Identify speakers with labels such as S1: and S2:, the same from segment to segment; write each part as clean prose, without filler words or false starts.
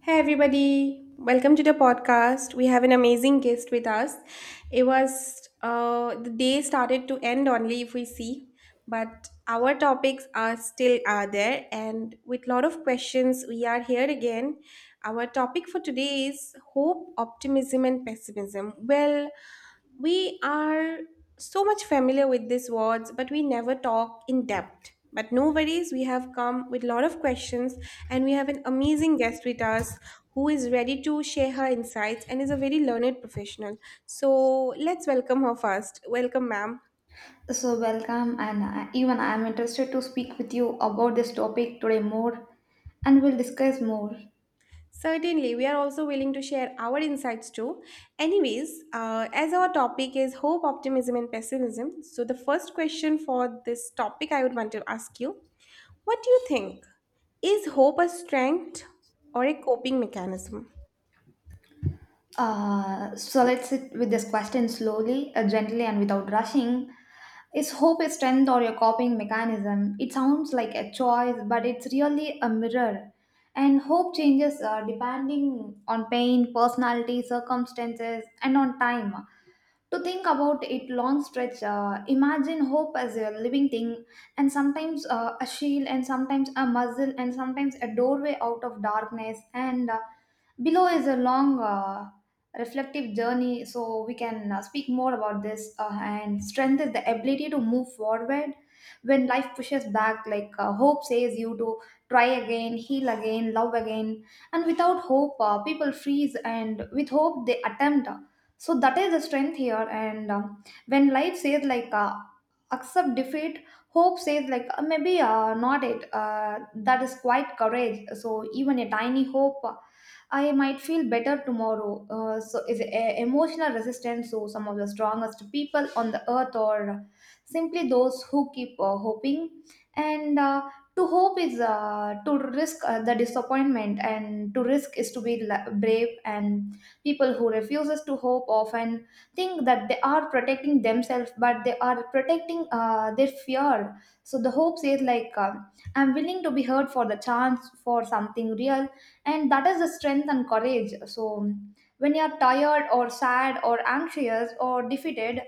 S1: Hey everybody, welcome to the podcast. We have an amazing guest with us. It was the day started to end only if we see, but our topics are still are there, and with lot of questions, we are here again. Our topic for today is hope, optimism, and pessimism. Well, we are so much familiar with these words, but we never talk in depth. But no worries, we have come with a lot of questions and we have an amazing guest with us who is ready to share her insights and is a very learned professional. So let's welcome her first. Welcome, ma'am.
S2: So, welcome, and I, even I'm interested to speak with you about this topic today more, and we'll discuss more.
S1: Certainly, we are also willing to share our insights too. Anyways, as our topic is hope, optimism, and pessimism, so the first question for this topic I would want to ask you, what do you think? Is hope a strength or a coping mechanism?
S2: Let's sit with this question slowly, gently, and without rushing. Is hope a strength or a coping mechanism? It sounds like a choice, but it's really a mirror. And hope changes depending on pain, personality, circumstances, and on time. To think about it long stretch, imagine hope as a living thing, and sometimes a shield, and sometimes a muzzle, and sometimes a doorway out of darkness. And Below is a long reflective journey, so we can speak more about this. And strength is the ability to move forward when life pushes back, like hope says you to try again, heal again, love again. And without hope, people freeze, and with hope, they attempt so that is the strength here, and when life says like accept defeat, hope says like maybe not it, that is quite courage. So even a tiny hope, I might feel better tomorrow, so is emotional resistance. So some of the strongest people on the earth or simply those who keep hoping. And To hope is to risk the disappointment, and to risk is to be brave. And people who refuses to hope often think that they are protecting themselves, but they are protecting their fear. So the hope says like, "I'm willing to be heard for the chance for something real," and that is the strength and courage. So when you are tired or sad or anxious or defeated,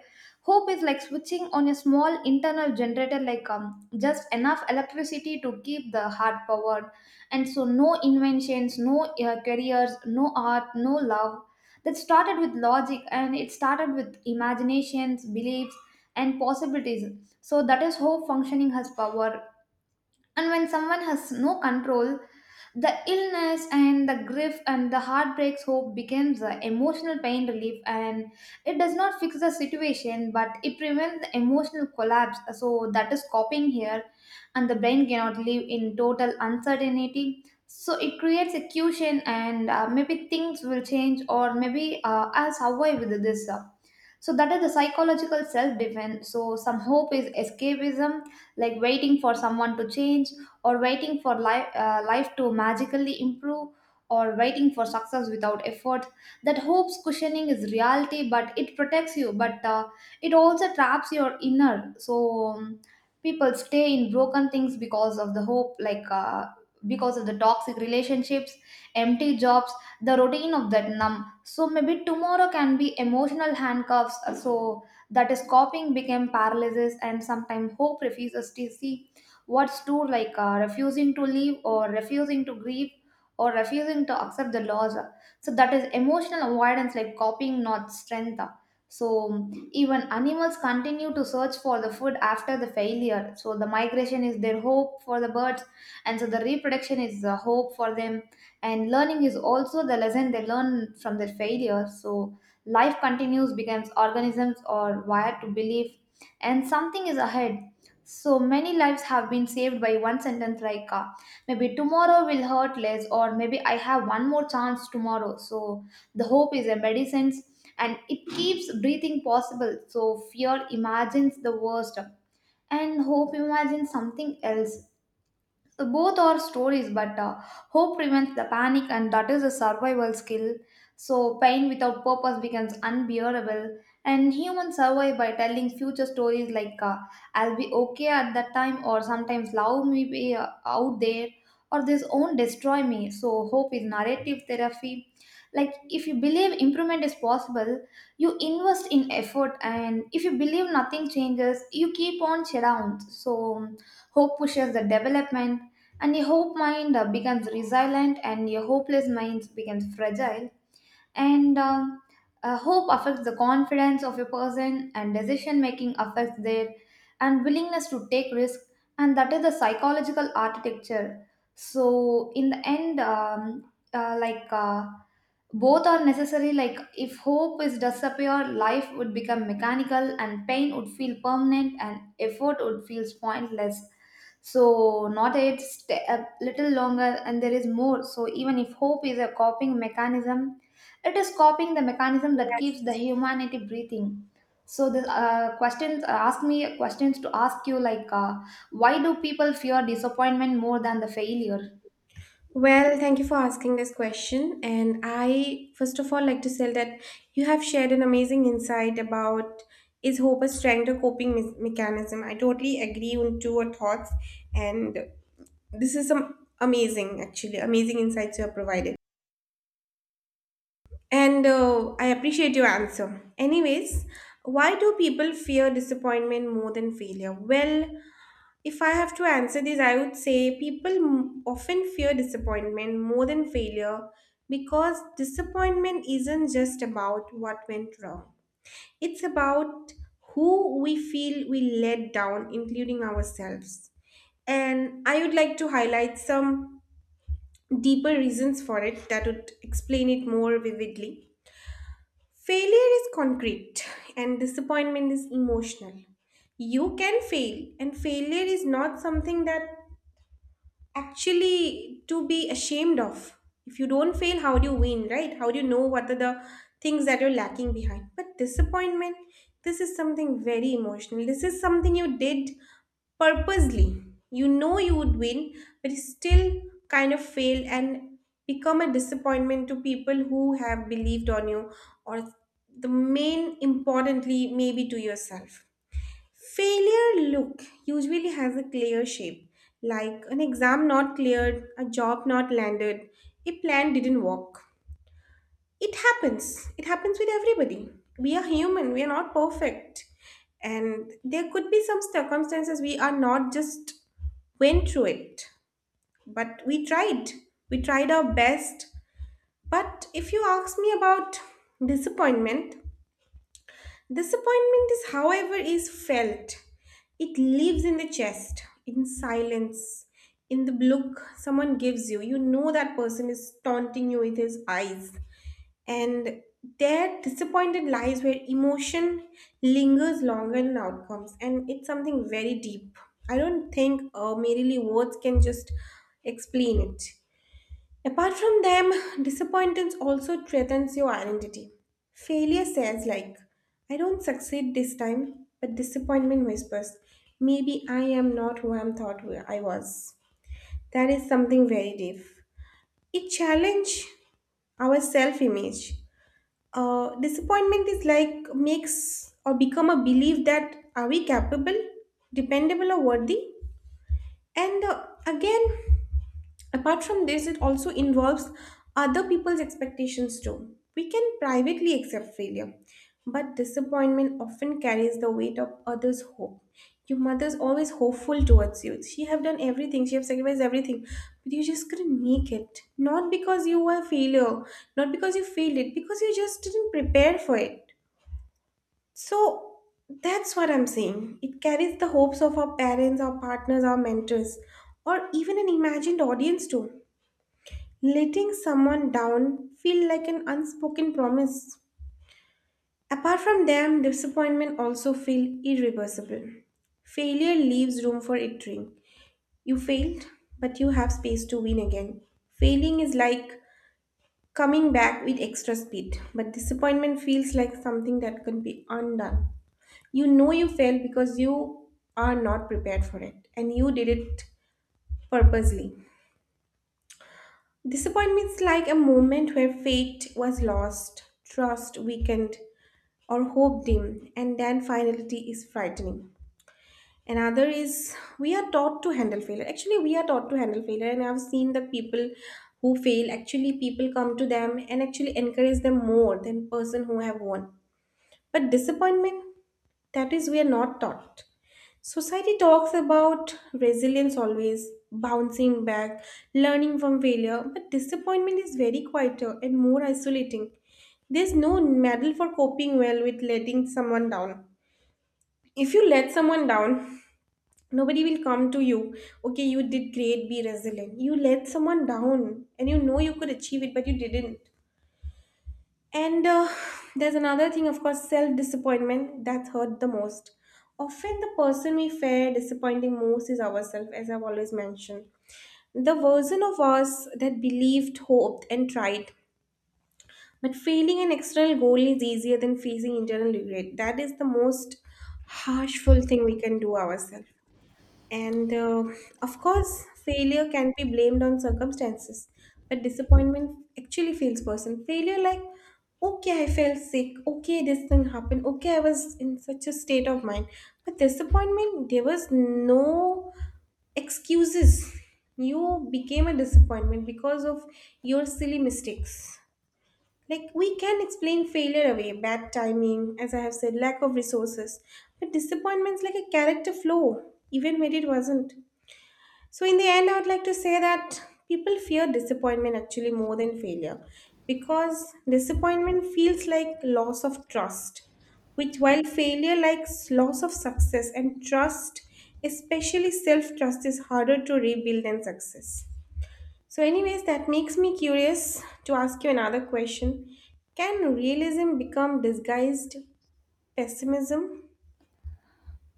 S2: hope is like switching on a small internal generator, like just enough electricity to keep the heart powered. And so no inventions, no careers, no art, no love that started with logic, and it started with imaginations, beliefs, and possibilities. So that is how functioning has power. And when someone has no control, the illness and the grief and the heartbreaks, hope becomes a emotional pain relief, and it does not fix the situation, but it prevents the emotional collapse. So that is coping here. And the brain cannot live in total uncertainty, so it creates a cushion. And maybe things will change, or maybe I'll survive with this. So that is the psychological self defense. So some hope is escapism, like waiting for someone to change, or waiting for life to magically improve, or waiting for success without effort. That hope's cushioning is reality, but it protects you, but it also traps your inner. So um, people stay in broken things because of the hope, like because of the toxic relationships, empty jobs, the routine of that numb. So maybe tomorrow can be emotional handcuffs. So that is copying became paralysis, and sometimes hope refuses to see what's true, like refusing to leave, or refusing to grieve, or refusing to accept the loss. So that is emotional avoidance, like copying, not strength. So even animals continue to search for the food after the failure. So the migration is their hope for the birds, and so the reproduction is the hope for them, and learning is also the lesson they learn from their failure. So life continues becomes organisms are wired to believe, and something is ahead. So many lives have been saved by one sentence, like maybe tomorrow will hurt less, or maybe I have one more chance tomorrow. So the hope is a medicine, and it keeps breathing possible. So fear imagines the worst and hope imagines something else. So both are stories, but hope prevents the panic, and that is a survival skill. So pain without purpose becomes unbearable, and humans survive by telling future stories, like I'll be okay at that time, or sometimes love me be, out there, or this won't destroy me. So hope is narrative therapy, like if you believe improvement is possible, you invest in effort, and if you believe nothing changes, you keep on shut down. So hope pushes the development, and a hope mind becomes resilient, and a hopeless mind becomes fragile. And Hope affects the confidence of a person, and decision making affects their and willingness to take risk, and that is the psychological architecture. So in the end, both are necessary. Like if hope is disappear, life would become mechanical, and pain would feel permanent, and effort would feel pointless. So not it stay a little longer, and there is more. So even if hope is a coping mechanism, it is copying the mechanism that keeps the humanity breathing. So the questions ask me questions to ask you like why do people fear disappointment more than the failure?
S1: Well, thank you for asking this question. And I, first of all, like to say that you have shared an amazing insight about is hope a strength or mechanism. I totally agree on to your thoughts, and this is some amazing, actually, amazing insights you have provided. And I appreciate your answer. Anyways, why do people fear disappointment more than failure? Well, if I have to answer this, I would say people often fear disappointment more than failure because disappointment isn't just about what went wrong. It's about who we feel we let down, including ourselves. And I would like to highlight some deeper reasons for it that would explain it more vividly. Failure is concrete and disappointment is emotional. You can fail and failure is not something that actually to be ashamed of. If you don't fail, how do you win, right? How do you know what are the things that you're lacking behind? But disappointment, this is something very emotional. This is something you did purposely. You know you would win, but you still kind of fail and become a disappointment to people who have believed on you, or the main importantly, maybe to yourself. Failure look usually has a clear shape, like an exam not cleared, a job not landed, a plan didn't work. It happens. It happens with everybody. We are human, we are not perfect. And there could be some circumstances we are not just went through it, but we tried. We tried our best. But if you ask me about disappointment, disappointment is, however, is felt. It lives in the chest, in silence, in the look someone gives you. You know that person is taunting you with his eyes. And there, disappointed lies where emotion lingers longer than outcomes. And it's something very deep. I don't think merely words can just explain it. Apart from them, disappointments also threatens your identity. Failure says like, I don't succeed this time, but disappointment whispers, maybe I am not who I thought I was. That is something very deep. It challenge our self-image. Disappointment is like makes or become a belief that are we capable, dependable or worthy? And again, apart from this, it also involves other people's expectations too. We can privately accept failure, but disappointment often carries the weight of others' hope. Your mother's always hopeful towards you. She have done everything, she have sacrificed everything, but you just couldn't make it. Not because you were a failure, not because you failed it, because you just didn't prepare for it. So that's what I'm saying. It carries the hopes of our parents, our partners, our mentors, or even an imagined audience too. Letting someone down feel like an unspoken promise. Apart from them, disappointment also feels irreversible. Failure leaves room for itering. You failed, but you have space to win again. Failing is like coming back with extra speed, but disappointment feels like something that can be undone. You know you failed because you are not prepared for it and you did it purposely. Disappointment's like a moment where fate was lost, trust weakened, or hope dimmed, and then finality is frightening. Another is we are taught to handle failure. Actually, we are taught to handle failure, and I've seen the people who fail. Actually, people come to them and actually encourage them more than person who have won. But disappointment, that is we are not taught. Society talks about resilience always, bouncing back, learning from failure, but disappointment is very quieter and more isolating. There's no medal for coping well with letting someone down. If you let someone down, nobody will come to you. Okay, you did great, be resilient. You let someone down and you know you could achieve it, but you didn't. And there's another thing, of course, self disappointment that hurt the most. Often, the person we fear disappointing most is ourselves, as I've always mentioned. The version of us that believed, hoped, and tried. But failing an external goal is easier than facing internal regret. That is the most harshful thing we can do ourselves. And of course, failure can be blamed on circumstances, but disappointment actually feels person. Failure, like, okay, I felt sick, okay, this thing happened, okay, I was in such a state of mind. But disappointment, there was no excuses. You became a disappointment because of your silly mistakes. Like, we can explain failure away, bad timing, as I have said, lack of resources. But disappointment's like a character flaw, even when it wasn't. So, in the end, I would like to say that people fear disappointment actually more than failure because disappointment feels like loss of trust, which while failure likes loss of success and trust, especially self trust, is harder to rebuild than success. So, anyways, that makes me curious to ask you another question. Can realism become disguised pessimism?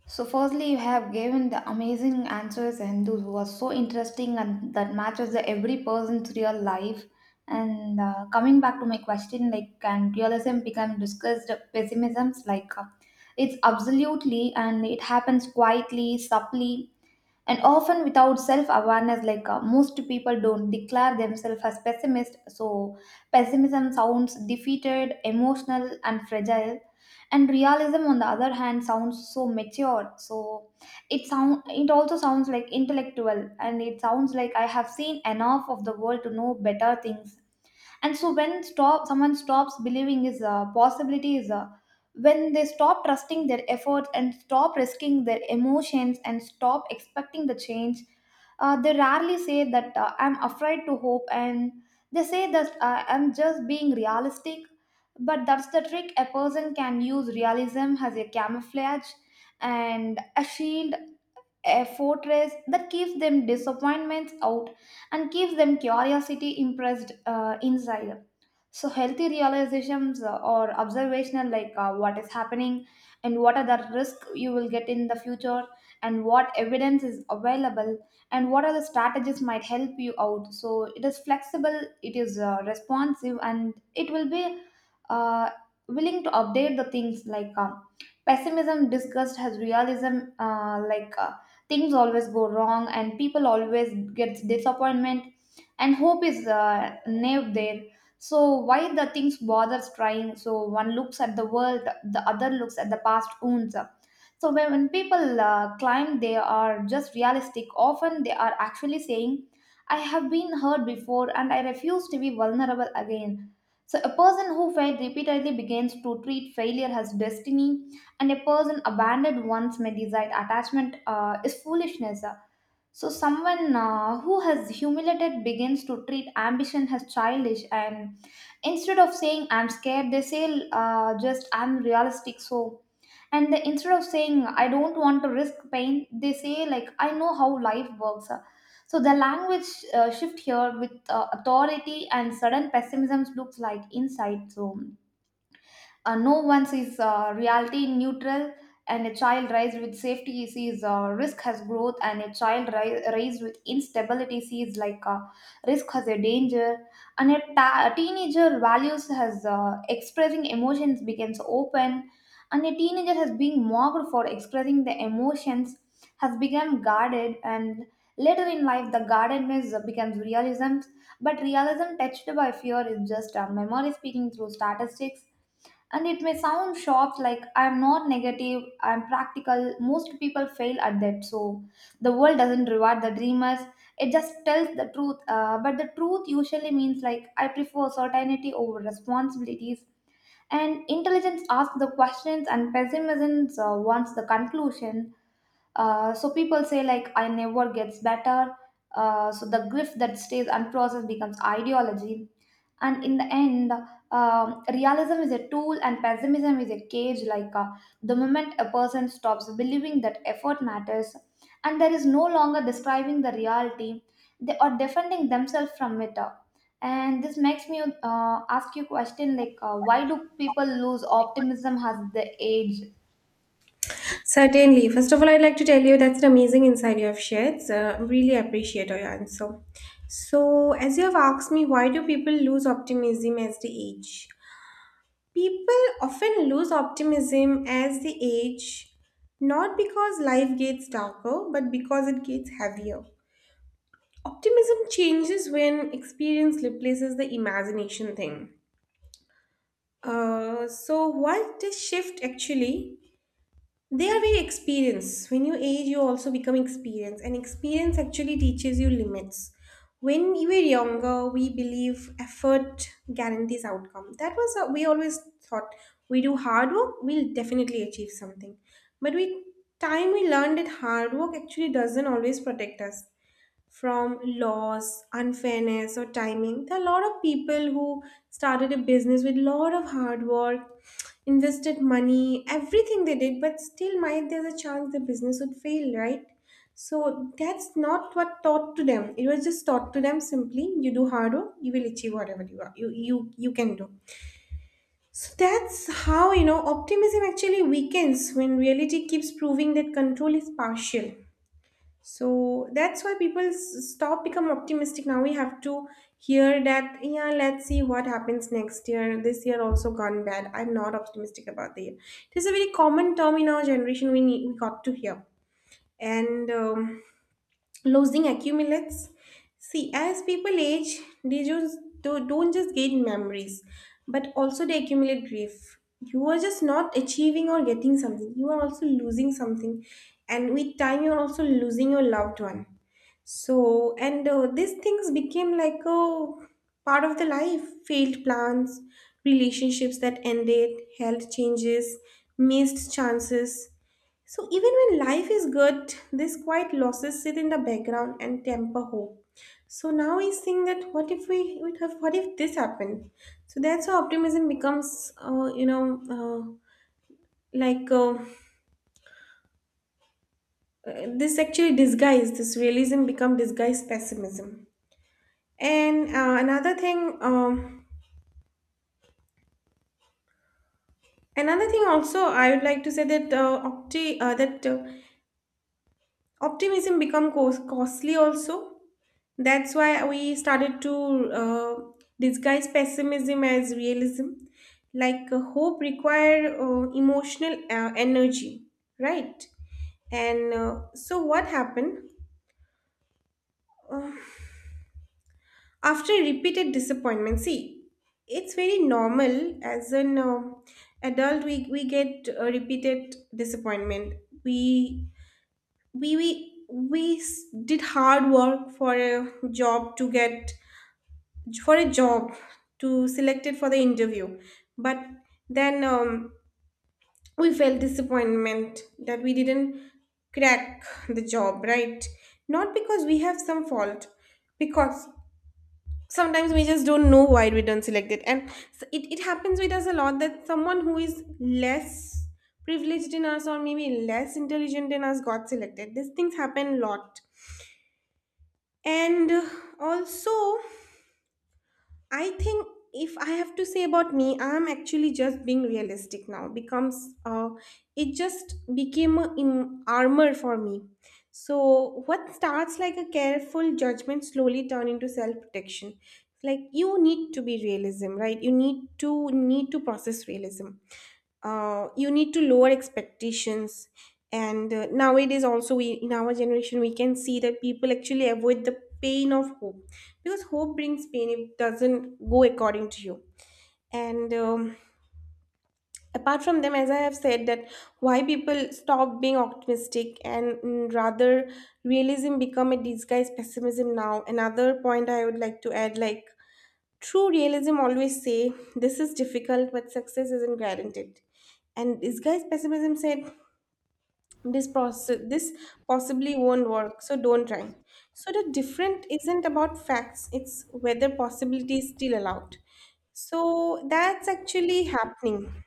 S2: So firstly, you have given the amazing answers, and those was so interesting, and that matches the every person's real life. And Coming back to my question, like can realism become discussed pessimisms? Like it's absolutely, and it happens quietly, subtly, and often without self awareness, like most people don't declare themselves as pessimist. So pessimism sounds defeated emotional and fragile, and realism on the other hand sounds so mature. So it also sounds like intellectual, and it sounds like I have seen enough of the world to know better things. And so when stop someone stops believing is a possibility is a when they stop trusting their efforts and stop risking their emotions and stop expecting the change, they rarely say that, I'm afraid to hope. And they say that, I'm just being realistic. But that's the trick. A person can use realism as a camouflage and a shield, a fortress that keeps them disappointments out and keeps them curiosity impressed inside. So healthy realizations or observational, like what is happening and what are the risks you will get in the future and what evidence is available and what are the strategies might help you out. So it is flexible, it is responsive, and it will be uh, willing to update the things like pessimism discussed has realism, like things always go wrong, and people always gets disappointment, and hope is naive there. So why the things bothers trying? So one looks at the world, the other looks at the past wounds. So when people claim they are just realistic, often they are actually saying, "I have been hurt before, and I refuse to be vulnerable again." So a person who failed repeatedly begins to treat failure as destiny, and a person abandoned once may decide attachment is foolishness. So, someone who has humiliated begins to treat ambition as childish, and instead of saying "I'm scared," they say just "I'm realistic." So, and they, instead of saying "I don't want to risk pain," they say like "I know how life works." So, the language shift here with authority, and sudden pessimism looks like insight. So, no one sees reality neutral, and a child raised with safety sees risk has growth, and a child raised with instability sees like risk has a danger, and a teenager values has expressing emotions becomes open, and a teenager has been mocked for expressing the emotions has become guarded, and later in life the guardedness becomes realism. But realism touched by fear is just a memory speaking through statistics, and it may sound sharp, like I'm not negative, I'm practical. Most people fail at that. So the world doesn't reward the dreamers. It just tells the truth. But the truth usually means like I prefer certainty over responsibilities. And intelligence asks the questions, and pessimism wants the conclusion. So people say like I never gets better. So the grief that stays unprocessed becomes ideology. And in the end, realism is a tool and pessimism is a cage, like the moment a person stops believing that effort matters, and there is no longer describing the reality, they are defending themselves from it. And this makes me ask you a question like why do people lose optimism as they age?
S1: Certainly. First of all, I'd like to tell you that's an amazing insight you have shared. So, really appreciate your answer. So, as you have asked me, why do people lose optimism as they age? People often lose optimism as they age, not because life gets darker, but because it gets heavier. Optimism changes when experience replaces the imagination thing. What this shift actually there we experience. When you age, you also become experienced, and experience actually teaches you limits. When we were younger, we believe effort guarantees outcome. That was a, we always thought we do hard work, we'll definitely achieve something. But with time, we learned that hard work actually doesn't always protect us from laws, unfairness, or timing. There are a lot of people who started a business with a lot of hard work, invested money, everything they did, but still might there's a chance the business would fail, right? So that's not what taught to them. It was just taught to them simply you do hard work, you will achieve whatever you are you you, you can do. So that's how you know optimism actually weakens when reality keeps proving that control is partial. So that's why people stop become optimistic. Now we have to hear that, yeah, let's see what happens next year. This year also gone bad. I'm not optimistic about the year. It is a very common term in our generation we need, we got to hear. And losing accumulates. See, as people age, they just don't just gain memories, but also they accumulate grief. You are just not achieving or getting something. You are also losing something, and with time, you are also losing your loved one. So, and these things became like a part of the life failed plans, relationships that ended, health changes, missed chances. So even when life is good, these quiet losses sit in the background and temper hope. So now I think that what if we would have, what if this happened? So that's how optimism becomes, uh, like uh, uh, this actually disguise, this realism become disguised pessimism. And another thing also, I would like to say that optimism become costly also. That's why we started to disguise pessimism as realism. Hope require emotional energy, right? And so what happened? Uh, after repeated disappointment, see, it's very normal as an adult. We get repeated disappointment. We did hard work for a job to get, for a job to select it for the interview, but then we felt disappointment that we didn't crack the job, right? Not because we have some fault, because sometimes we just don't know why we don't select it and it, it happens with us a lot that someone who is less privileged in us or maybe less intelligent in us got selected. These things happen a lot. And also I think if I have to say about me, I'm actually just being realistic now. Becomes it just became a in armor for me. So what starts like a careful judgment slowly turn into self protection. Like you need to be realism, right? You need to need to process realism, you need to lower expectations. And nowadays also we in our generation we can see that people actually avoid the pain of hope because hope brings pain if it doesn't go according to you. And apart from them as I have said that why people stop being optimistic and rather realism become a disguised pessimism. Now another point I would like to add, like true realism always say this is difficult but success isn't guaranteed, and disguised pessimism said this process this possibly won't work so don't try. So the different isn't about facts, it's whether possibility is still allowed. So that's actually happening.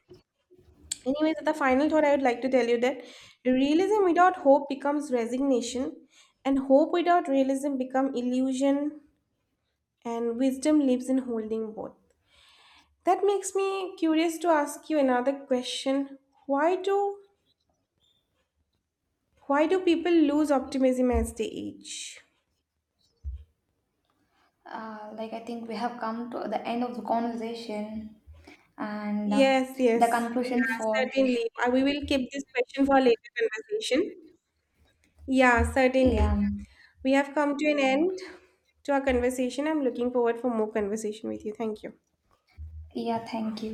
S1: Anyways, the final thought I would like to tell you that realism without hope becomes resignation and hope without realism become illusion, and wisdom lives in holding both. That makes me curious to ask you another question. why do why do people lose optimism as they age?
S2: Like I think we have come to the end of the conversation, and
S1: Yes,
S2: the
S1: yes.
S2: conclusion
S1: Yeah,
S2: for,
S1: certainly. I- we will keep this question for later conversation. Yeah, certainly.
S2: yeah,
S1: We have come to an end to our conversation. I'm looking forward for more conversation with you. Thank you.
S2: yeah, thank you.